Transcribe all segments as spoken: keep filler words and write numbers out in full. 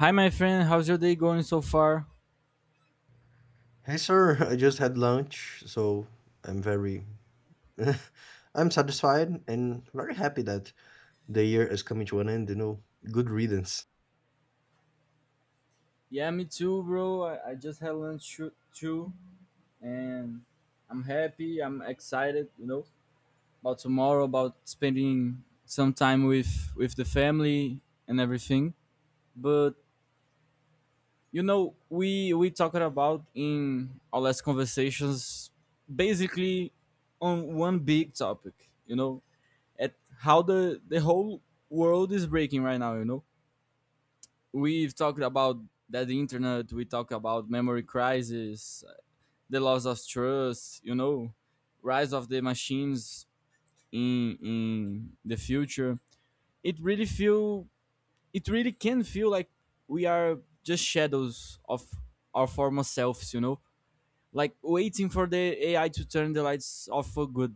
Hi, my friend. How's your day going so far? Hey sir, I just had lunch, so I'm very I'm satisfied and very happy that the year is coming to an end, you know. Good riddance. Yeah, me too, bro. I, I just had lunch too, too, and I'm happy. I'm excited, you know, about tomorrow, about spending some time with with the family and everything. But you know, we we talked about in our last conversations, basically on one big topic. You know, at how the the whole world is breaking right now. You know, we've talked about that the internet, we talk about memory crisis, the loss of trust, you know, rise of the machines in in the future. It really feel, it really can feel like we are just shadows of our former selves, you know, like waiting for the ai to turn the lights off for good.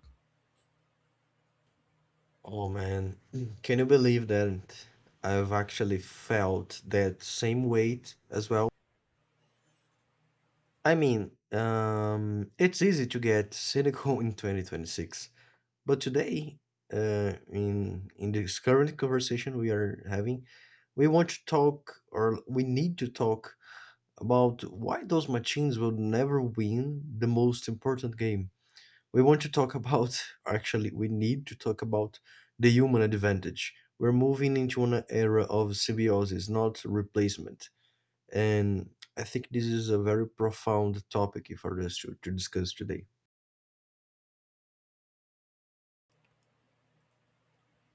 Oh man, can you believe that I've actually felt that same weight as well? I mean, um, it's easy to get cynical in twenty twenty-six, but today, uh, in in this current conversation we are having, we want to talk, or we need to talk about why those machines will never win the most important game. We want to talk about, actually, we need to talk about the human advantage. We're moving into an era of symbiosis, not replacement. And I think this is a very profound topic for us to, to discuss today.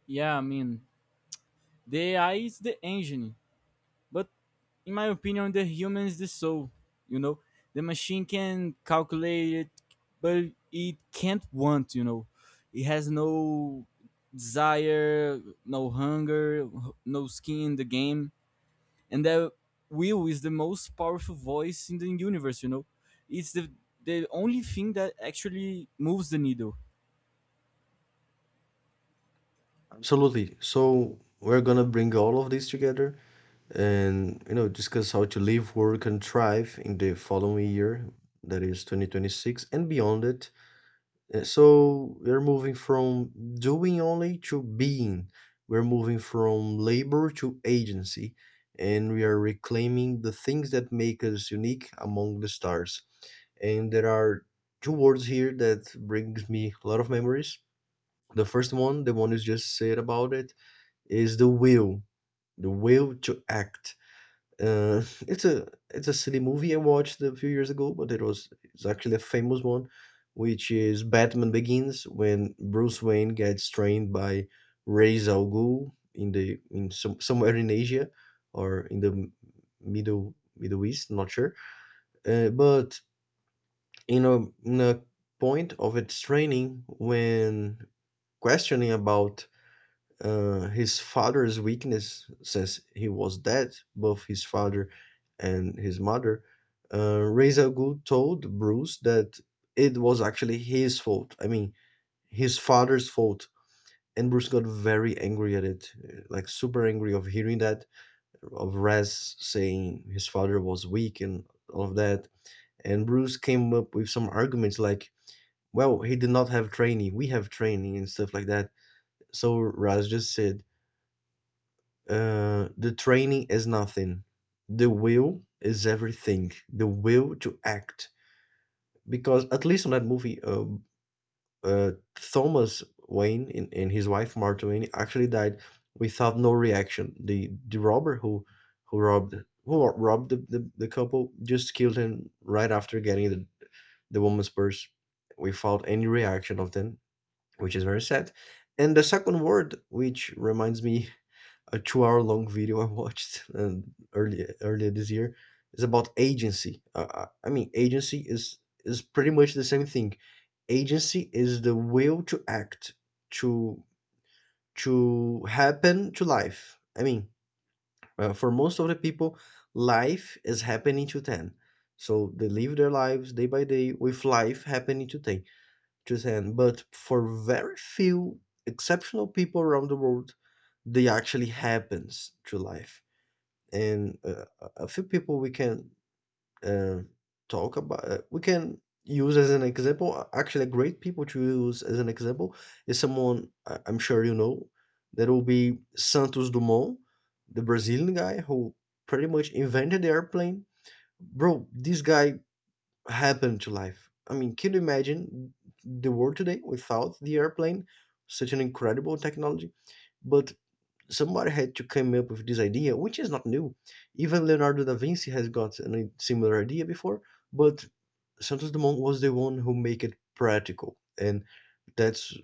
Yeah i mean the ai is the engine. But in my opinion, the human's the soul. You know, the machine can calculate it, but it can't want. You know, it has no desire, no hunger, no skin in the game, and that will is the most powerful voice in the universe. You know, it's the the only thing that actually moves the needle. Absolutely. So we're gonna bring all of this together, and you know, discuss how to live, work, and thrive in the following year, that is twenty twenty-six, and beyond it. Uh, So we're moving from doing only to being. We're moving from labor to agency, and we are reclaiming the things that make us unique among the stars. And there are two words here that brings me a lot of memories. The first one, the one you just said about it, is the will, the will to act. Uh, it's a it's a silly movie I watched a few years ago, but it was it's actually a famous one, which is Batman Begins, when Bruce Wayne gets trained by Ra's al Ghul in the in some somewhere in Asia, or in the m- middle Middle East, not sure. Uh, but in a in a point of its training, when questioning about uh, his father's weakness, since he was dead, both his father and his mother, uh, Ra's al Ghul told Bruce that it was actually his fault. I mean, his father's fault. And Bruce got very angry at it, uh, like super angry of hearing that, of Raz saying his father was weak and all of that. And Bruce came up with some arguments like, well, he did not have training, we have training and stuff like that. So Raz just said, Uh, the training is nothing. The will is everything. The will to act. Because at least on that movie, uh, uh, Thomas Wayne and, and his wife Martha Wayne actually died without no reaction. The the robber who who robbed who robbed the, the, the couple just killed him right after getting the, the woman's purse without any reaction of them, which is very sad. And the second word, which reminds me a two hour long video I watched um, earlier earlier this year, is about agency. Uh, uh, I mean, agency is is pretty much the same thing. Agency is the will to act to to happen to life. I mean, uh, for most of the people, life is happening to them. So they live their lives day by day with life happening to them. To them, but for very few exceptional people around the world, they actually happens to life. And uh, a few people we can, uh, talk about, uh, we can use as an example, uh, actually a great people to use as an example, is someone I- I'm sure you know, that will be Santos Dumont, the Brazilian guy who pretty much invented the airplane. Bro, this guy happened to life. I mean, can you imagine the world today without the airplane? Such an incredible technology, but somebody had to come up with this idea, which is not new. Even Leonardo da Vinci has got a similar idea before, but Santos Dumont was the one who make it practical, and that's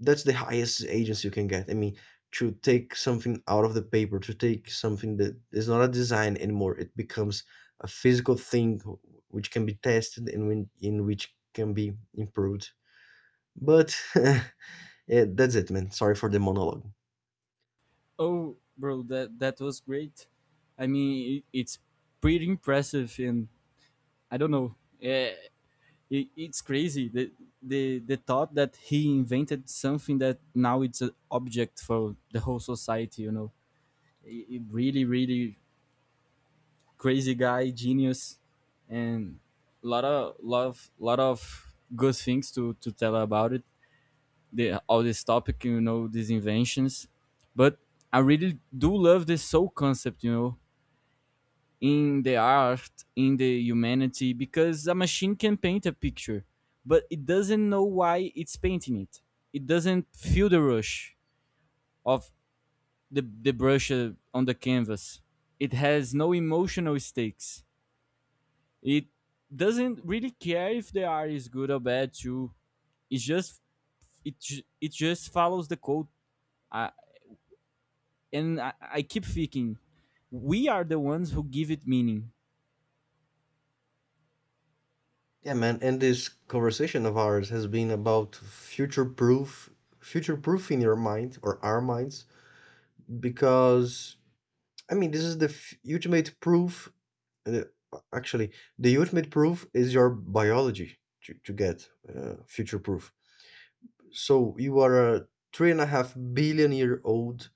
that's the highest agency you can get. I mean, to take something out of the paper, to take something that is not a design anymore, it becomes a physical thing which can be tested and when, in which can be improved. But yeah, that's it, man. Sorry for the monologue. Oh, bro, that that was great. I mean, it, it's pretty impressive, and I don't know. Yeah, It, it's crazy the, the the thought that he invented something that now it's an object for the whole society. You know, It- it really really crazy guy, genius, and lot of lot of lot of good things to to tell about it. The all this topic, you know, these inventions, but I really do love this soul concept. You know, in the art, in the humanity, because a machine can paint a picture, but it doesn't know why it's painting it. It doesn't feel the rush of the, the brush uh, on the canvas. It has no emotional stakes. It doesn't really care if the art is good or bad too. It just it ju- it just follows the code. I, and I, I keep thinking, we are the ones who give it meaning. Yeah, man, and this conversation of ours has been about future proof, future proofing your mind or our minds, because I mean, this is the f- ultimate proof. Uh, actually, the ultimate proof is your biology to, to get uh, future proof. So you are a three and a half billion year old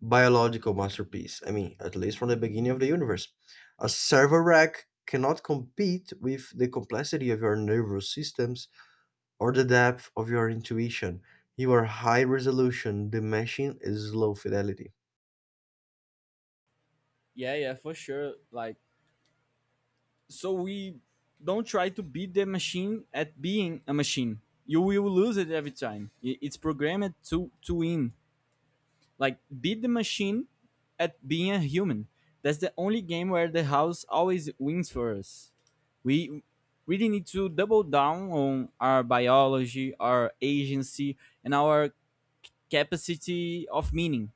biological masterpiece. I mean, at least from the beginning of the universe. A server rack cannot compete with the complexity of your nervous systems or the depth of your intuition, your high resolution. The machine is low fidelity. Yeah, yeah, for sure. Like so we don't try to beat the machine at being a machine. You will lose it every time. I- It's programmed to to win. Like beat the machine at being a human. That's the only game where the house always wins for us. We really need to double down on our biology, our agency, and our capacity of meaning.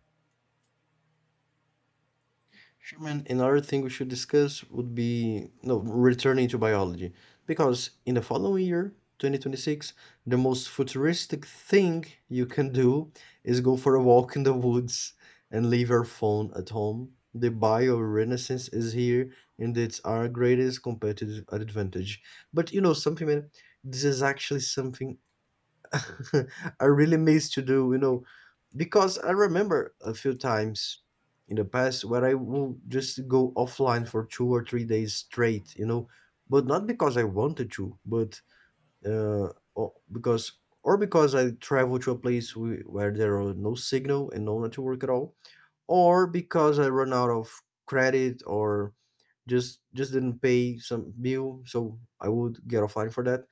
Sherman, another thing we should discuss would be no returning to biology, because in the following year, twenty twenty-six, the most futuristic thing you can do is go for a walk in the woods and leave your phone at home. The bio renaissance is here, and it's our greatest competitive advantage. But you know something, man, this is actually something I really miss to do, you know, because I remember a few times in the past where I will just go offline for two or three days straight, you know, but not because I wanted to, but uh, or because or because I travel to a place whe- where there are no signal and no network at all, or because I run out of credit, or just just didn't pay some bill, so I would get offline for that.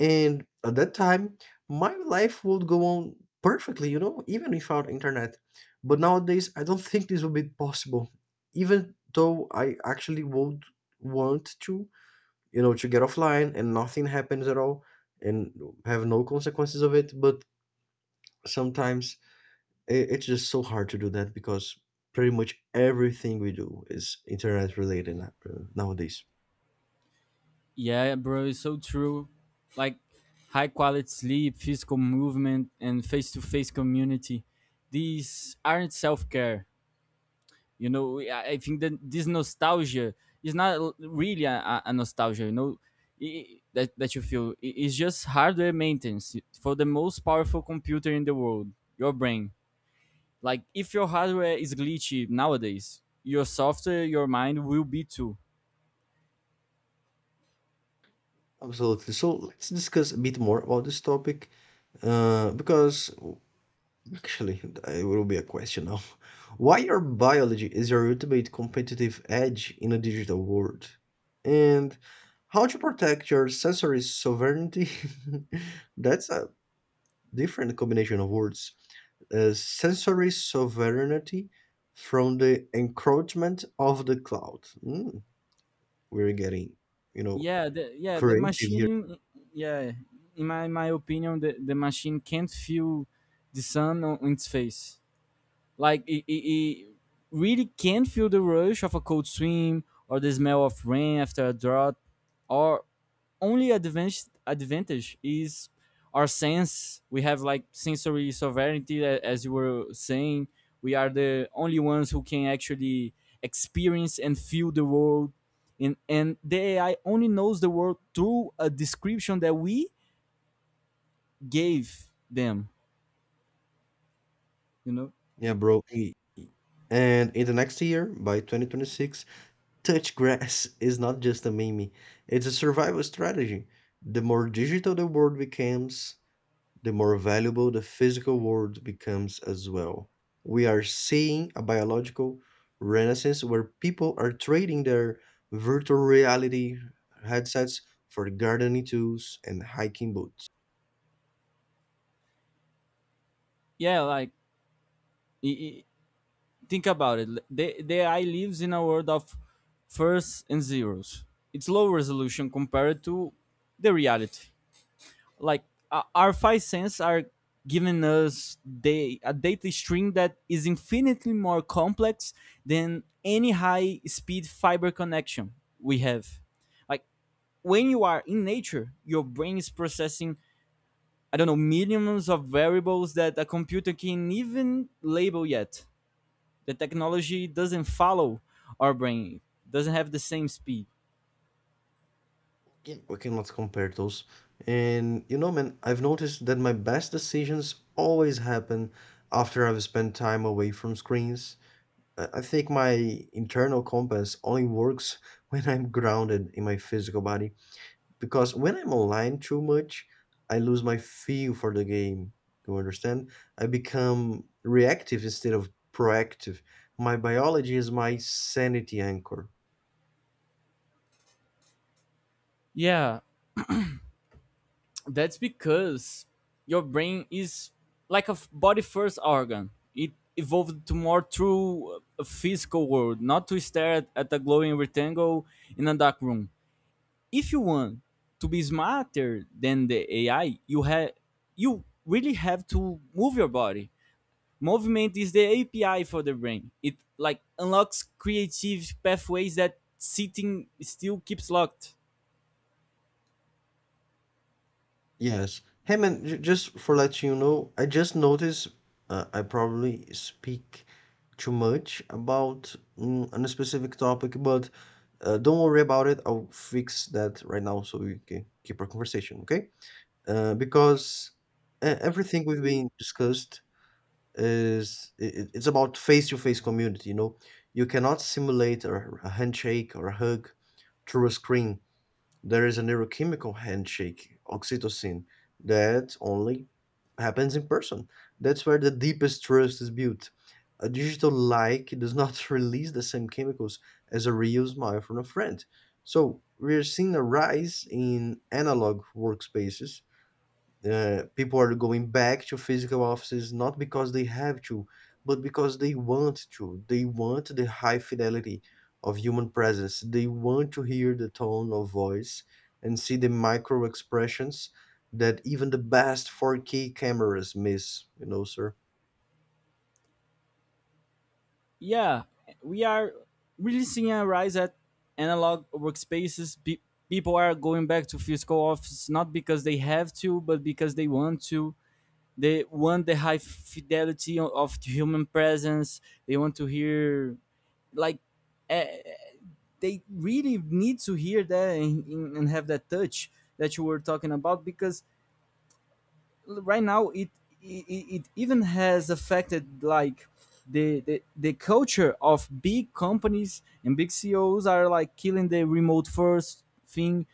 And at that time, my life would go on perfectly, you know, even without internet. But nowadays, I don't think this would be possible. Even though I actually would want to, you know, to get offline and nothing happens at all and have no consequences of it. But sometimes i- it's just so hard to do that because pretty much everything we do is internet related na- uh, nowadays. Yeah, bro, it's so true. Like high quality sleep, physical movement, and face to face community. These aren't self care. You know, We- I I think that this nostalgia is not l- really a, a a nostalgia, you know, i- that, that you feel. I- It's just hardware maintenance for the most powerful computer in the world, your brain. Like, if your hardware is glitchy nowadays, your software, your mind will be too. Absolutely. So let's discuss a bit more about this topic, uh, because Actually, it will be a question now. Why your biology is your ultimate competitive edge in a digital world? And how to protect your sensory sovereignty? That's a different combination of words. Uh, sensory sovereignty from the encroachment of the cloud. Mm, we're getting, you know, yeah the, yeah the creative here. machine yeah in my my opinion, the, the machine can't feel the sun on its face. Like it, it, it really can feel the rush of a cold swim or the smell of rain after a drought. Or only advantage advantage is our sense. We have like sensory sovereignty, a- as you were saying. We are the only ones who can actually experience and feel the world. And, and the A I only knows the world through a description that we gave them. You know? Yeah, bro. E- e- And in the next year, by twenty twenty-six, touch grass is not just a meme, it's a survival strategy. The more digital the world becomes, the more valuable the physical world becomes as well. We are seeing a biological renaissance where people are trading their virtual reality headsets for gardening tools and hiking boots. Yeah, like i- i- think about it. The, the eye lives in a world of firsts and zeros. It's low resolution compared to the reality. Like uh, our five senses are giving us the, a data stream that is infinitely more complex than any high speed fiber connection we have. Like when you are in nature, your brain is processing, I don't know, millions of variables that a computer can even label yet. The technology doesn't follow, our brain doesn't have the same speed. Yeah, we cannot compare those. And you know, man, I've noticed that my best decisions always happen after I've spent time away from screens. I I think my internal compass only works when I'm grounded in my physical body. Because when I'm online too much, I lose my feel for the game. You understand? I become reactive instead of proactive. My biology is my sanity anchor. Yeah. That's because your brain is like a body first organ. It evolved to more true uh, physical world, not to stare at, at a glowing rectangle in a dark room. If you want to be smarter than the ai, you have you really have to move your body. Movement is the A P I for the brain. It like unlocks creative pathways that sitting still keeps locked. Yes. Hey man, j- just for let you know, I just noticed uh, I probably speak too much about mm, on a specific topic, but uh, don't worry about it. I'll fix that right now so we can keep our conversation, okay? Uh, because uh, everything we've been discussed is it, it's about face-to-face community. You know, you cannot simulate a, a handshake or a hug through a screen. There is a neurochemical handshake, oxytocin, that only happens in person. That's where the deepest trust is built. A digital like does not release the same chemicals as a real smile from a friend. So we're seeing a rise in analog workspaces. Uh, people are going back to physical offices not because they have to, but because they want to. They want the high fidelity of human presence. They want to hear the tone of voice and see the micro expressions that even the best four K cameras miss, you know, sir. Yeah, we are really seeing a rise at analog workspaces. Pe- people are going back to physical offices not because they have to, but because they want to. They want the high fidelity of human presence. They want to hear like eh, they really need to hear that and, and have that touch that you were talking about because right now it, it it even has affected like the, the the culture of big companies and big C E Os are like killing the remote first thing,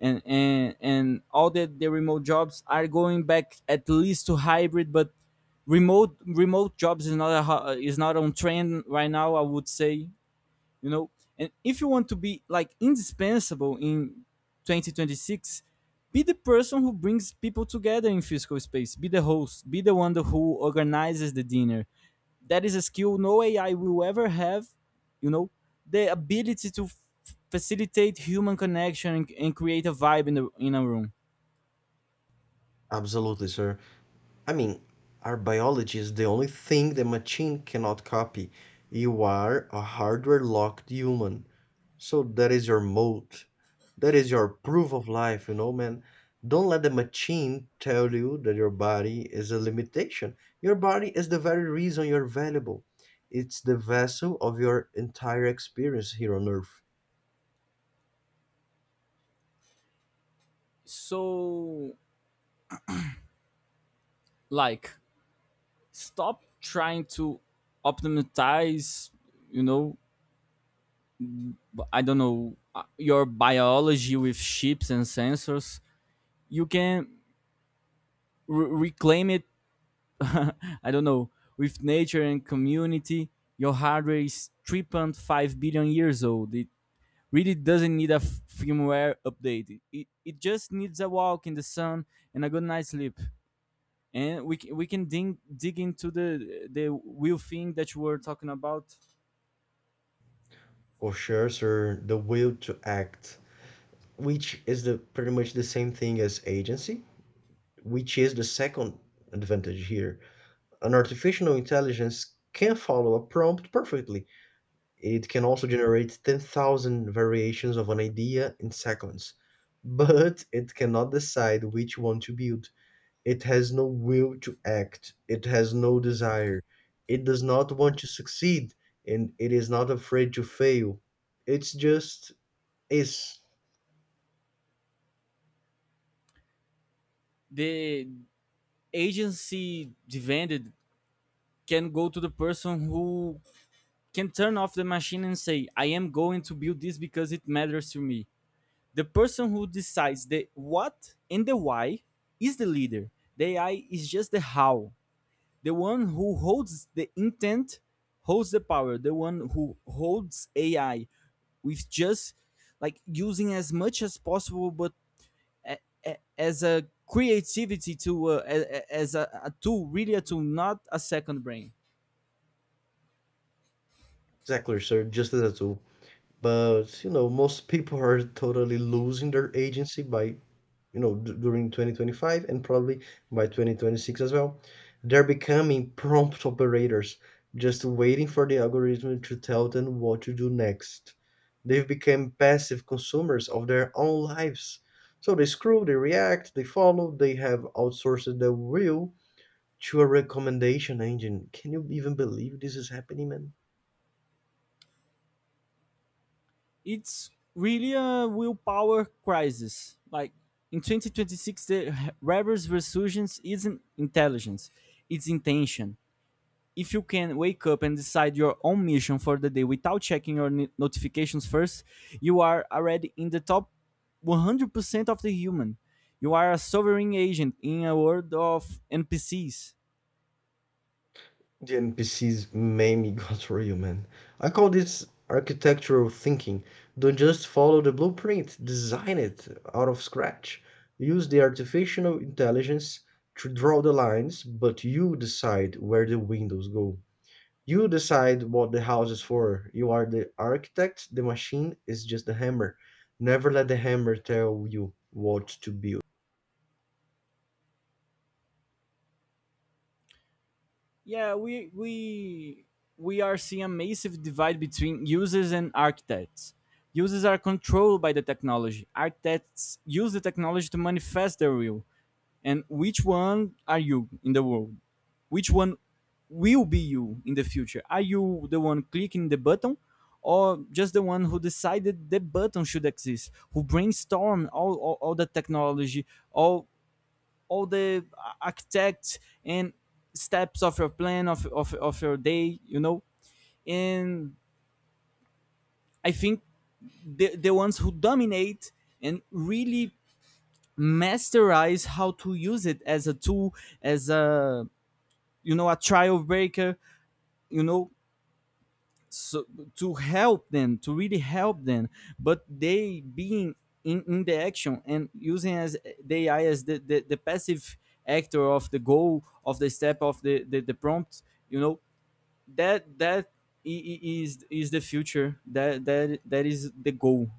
and and and all the, the remote jobs are going back at least to hybrid, but remote remote jobs is not a, ho- is not on trend right now, I would say, you know. And if you want to be like indispensable in twenty twenty-six, be the person who brings people together in physical space, be the host, be the one who organizes the dinner. That is a skill no ai will ever have, you know, the ability to f- facilitate human connection and, and create a vibe in the in a room. Absolutely, sir. I mean, our biology is the only thing the machine cannot copy. You are a hardware locked human. So that is your mold. That is your proof of life, you know, man. Don't let the machine tell you that your body is a limitation. Your body is the very reason you're valuable. It's the vessel of your entire experience here on earth. So like stop trying to optimize, you know, I don't know, uh, your biology with chips and sensors. You can re- reclaim it. I don't know, with nature and community. Your hardware is three point five billion years old. It really doesn't need a f- firmware update. It, it just needs a walk in the sun and a good night's sleep. And we, c- we can dig, dig into the the real thing that you were talking about. For sure, sir, the will to act, which is the pretty much the same thing as agency, which is the second advantage here. An artificial intelligence can follow a prompt perfectly. It can also generate ten thousand variations of an idea in seconds, but it cannot decide which one to build. It has no will to act, it has no desire, it does not want to succeed, and it is not afraid to fail. It's just is. The agency demanded can go to the person who can turn off the machine and say, I am going to build this because it matters to me. The person who decides the what and the why is the leader. The ai is just the how. The one who holds the intent holds the power. The one who holds ai with just like using as much as possible, but a, a, as a creativity to, uh, a, a- as a, a tool, really a tool, not a second brain. Exactly, sir, just as a tool. But, you know, most people are totally losing their agency by, you know, d- during twenty twenty-five and probably by twenty twenty-six as well. They're becoming prompt operators, just waiting for the algorithm to tell them what to do next. They've become passive consumers of their own lives. So they scroll, they react, they follow, they have outsourced their will to a recommendation engine. Can you even believe this is happening, man? It's really a willpower crisis. Like in twenty twenty-six, the rebels resurgence isn't intelligence; it's intention. If you can wake up and decide your own mission for the day without checking your ni- notifications first, you are already in the top one hundred percent of the human. You are a sovereign agent in a world of N P Cs. The N P Cs made me got real, man. I call this architectural thinking. Don't just follow the blueprint, design it out of scratch. Use the artificial intelligence to draw the lines, but you decide where the windows go. You decide what the house is for. You are the architect, the machine is just the hammer. Never let the hammer tell you what to build. Yeah, we we we are seeing a massive divide between users and architects. Users are controlled by the technology. Architects use the technology to manifest their will. And which one are you in the world? Which one will be you in the future? Are you the one clicking the button, or just the one who decided the button should exist, who brainstormed all, all, all the technology, all all the architect and steps of your plan of, of, of your day, you know? And I think the, the ones who dominate and really masterize how to use it as a tool, as a, you know, a trial breaker, you know, so to help them, to really help them, but they being in, in the action and using as the ai as the, the, the passive actor of the goal, of the step, of the, the the prompt, you know. That that is is is the future. That that that is the goal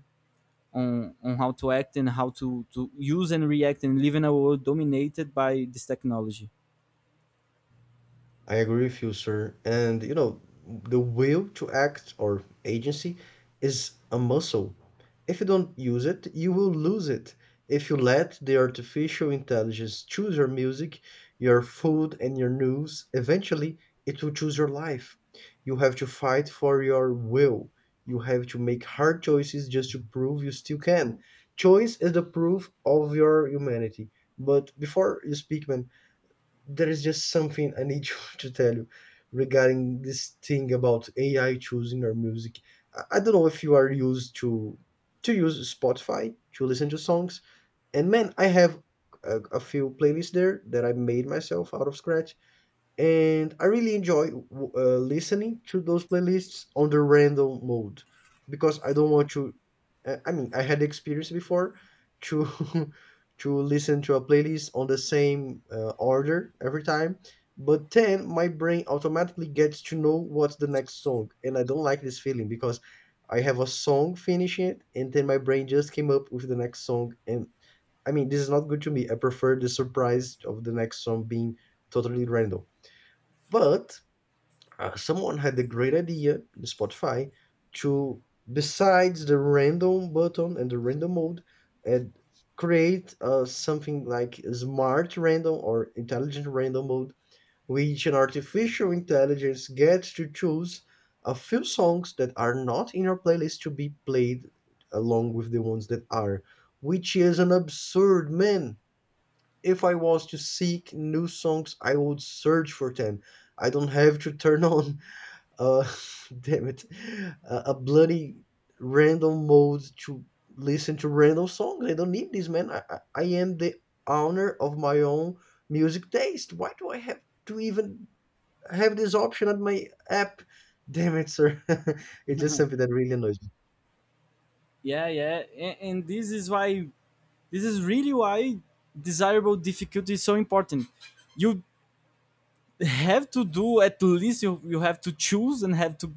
on on how to act and how to to use and react and live in a world dominated by this technology. I agree with you, sir. And you know, the will to act or agency is a muscle. If you don't use it, you will lose it. If you let the artificial intelligence choose your music, your food, and your news, eventually it will choose your life. You have to fight for your will. You have to make hard choices just to prove you still can. Choice is the proof of your humanity. But before you speak, man, there is just something I need you to tell you regarding this thing about A I choosing our music. I I don't know if you are used to to use Spotify to listen to songs, and man, I have a, a few playlists there that I made myself out of scratch, and I really enjoy uh, listening to those playlists on the random mode because I don't want to. I I mean, I had experience before to to listen to a playlist on the same uh, order every time, but then my brain automatically gets to know what's the next song, and I don't like this feeling because I have a song finishing it, and then my brain just came up with the next song, and I mean, this is not good to me. I prefer the surprise of the next song being totally random. But uh, someone had the great idea in Spotify to, besides the random button and the random mode, and create uh, something like smart random or intelligent random mode, which an artificial intelligence gets to choose a few songs that are not in your playlist to be played along with the ones that are, which is an absurd man. If I was to seek new songs, I would search for them. I don't have to turn on, uh, damn it, a a bloody random mode to listen to random songs. I don't need this, man. I, I, I am the owner of my own music taste. Why do I have to even have this option on my app? Damn it, sir. It's just something that really annoys. Yeah, yeah, and, and this is why, this is really why, desirable difficulty is so important. You have to do at least, you, you have to choose and have to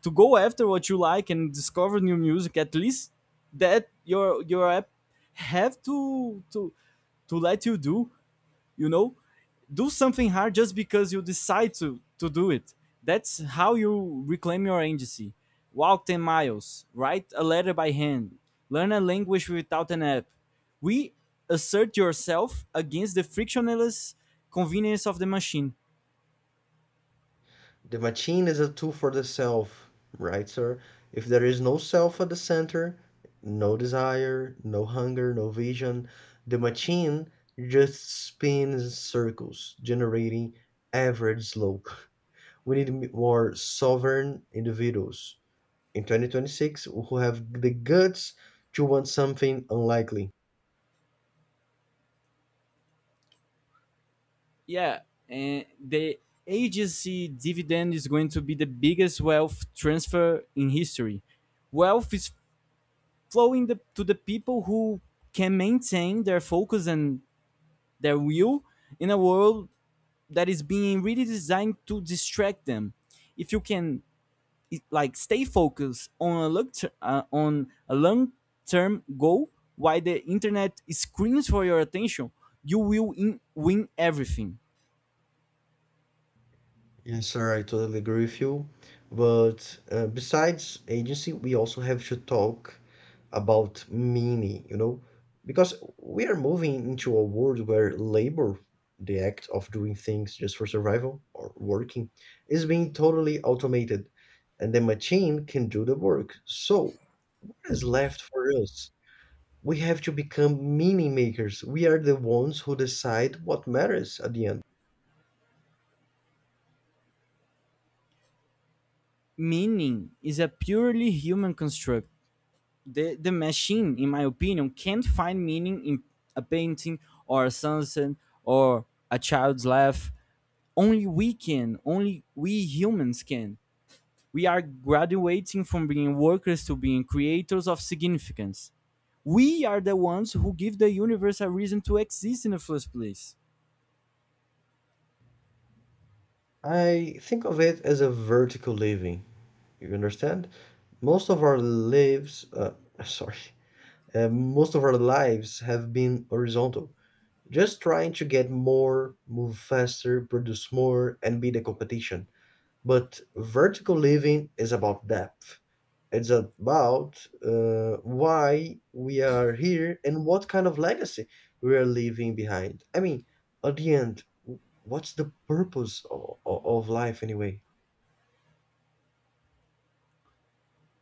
to go after what you like and discover new music, at least that your your app have to to to let you do, you know, do something hard just because you decide to to do it. That's how you reclaim your agency. Walk ten miles, write a letter by hand, learn a language without an app. We assert yourself against the frictionless convenience of the machine. The machine is a tool for the self, right, sir? If there is no self at the center, no desire, no hunger, no vision, the machine just spins in circles, generating average slope. We need more sovereign individuals in twenty twenty-six who have the guts to want something unlikely. Yeah, and the agency dividend is going to be the biggest wealth transfer in history. Wealth is flowing the, to the people who can maintain their focus and their will in a world that is being really designed to distract them. If you can like stay focused on a long ter- uh, on a long term goal while the internet screams for your attention, you will in- win everything. Yes, sir, I totally agree with you. But uh, besides agency, we also have to talk about meaning, you know, because we are moving into a world where labor, the act of doing things just for survival or working, is being totally automated and the machine can do the work. So, what is left for us? We have to become meaning makers. We are the ones who decide what matters at the end. Meaning is a purely human construct. The the machine, in my opinion, can't find meaning in a painting or a sunset or a child's laugh. Only we can. Only we humans can. We are graduating from being workers to being creators of significance. We are the ones who give the universe a reason to exist in the first place. I think of it as a vertical living. You understand? Most of our lives, uh, sorry, uh, most of our lives have been horizontal, just trying to get more, move faster, produce more, and beat the competition. But vertical living is about depth. It's about uh, why we are here and what kind of legacy we are leaving behind. I mean, at the end, w- what's the purpose of, of life anyway?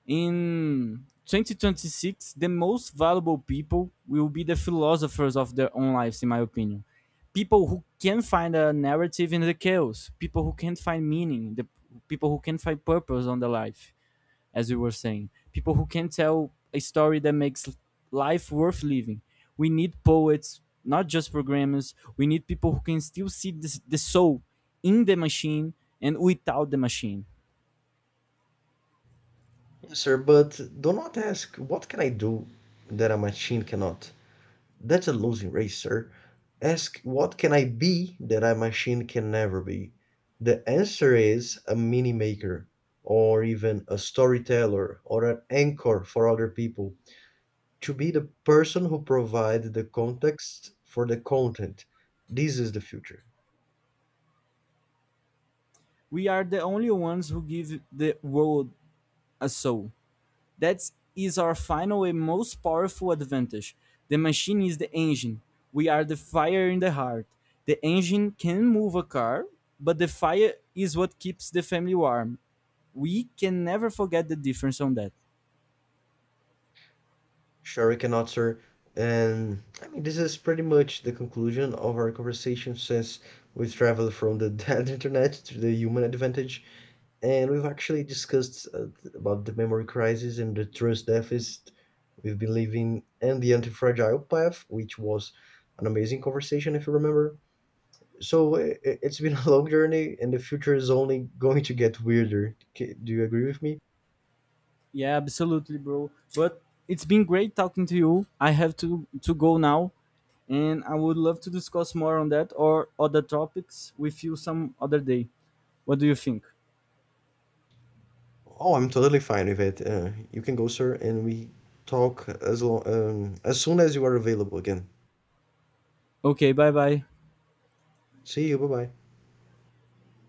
In twenty twenty-six, the most valuable people will be the philosophers of their own lives, in my opinion. People who can find a narrative in the chaos, people who can find meaning, the people who can find purpose on their life, as we were saying. People who can tell a story that makes life worth living. We need poets, not just programmers. We need people who can still see this, the soul in the machine and without the machine. Yes, sir, but do not ask, what can I do that a machine cannot? That's a losing race, sir. Ask what can I be that a machine can never be? The answer is a mini maker, or even a storyteller, or an anchor for other people. To be the person who provides the context for the content. This is the future. We are the only ones who give the world a soul. That is our final and most powerful advantage. The machine is the engine. We are the fire in the heart. The engine can move a car, but the fire is what keeps the family warm. We can never forget the difference on that. Sure, we cannot, sir. And I mean, this is pretty much the conclusion of our conversation since we traveled from the dead internet to the human advantage. And we've actually discussed uh, th- about the memory crisis and the trust deficit we've been living and the anti-fragile path, which was an amazing conversation if you remember. So i- i- it's been a long journey and the future is only going to get weirder. K- Do you agree with me? Yeah, absolutely, bro. But it's been great talking to you. I have to to go now, and I would love to discuss more on that or other topics with you some other day. What do you think? Oh, I'm totally fine with it. Uh, you can go, sir, and we talk as long um, as soon as you are available again. Okay, bye bye. See you. Bye bye.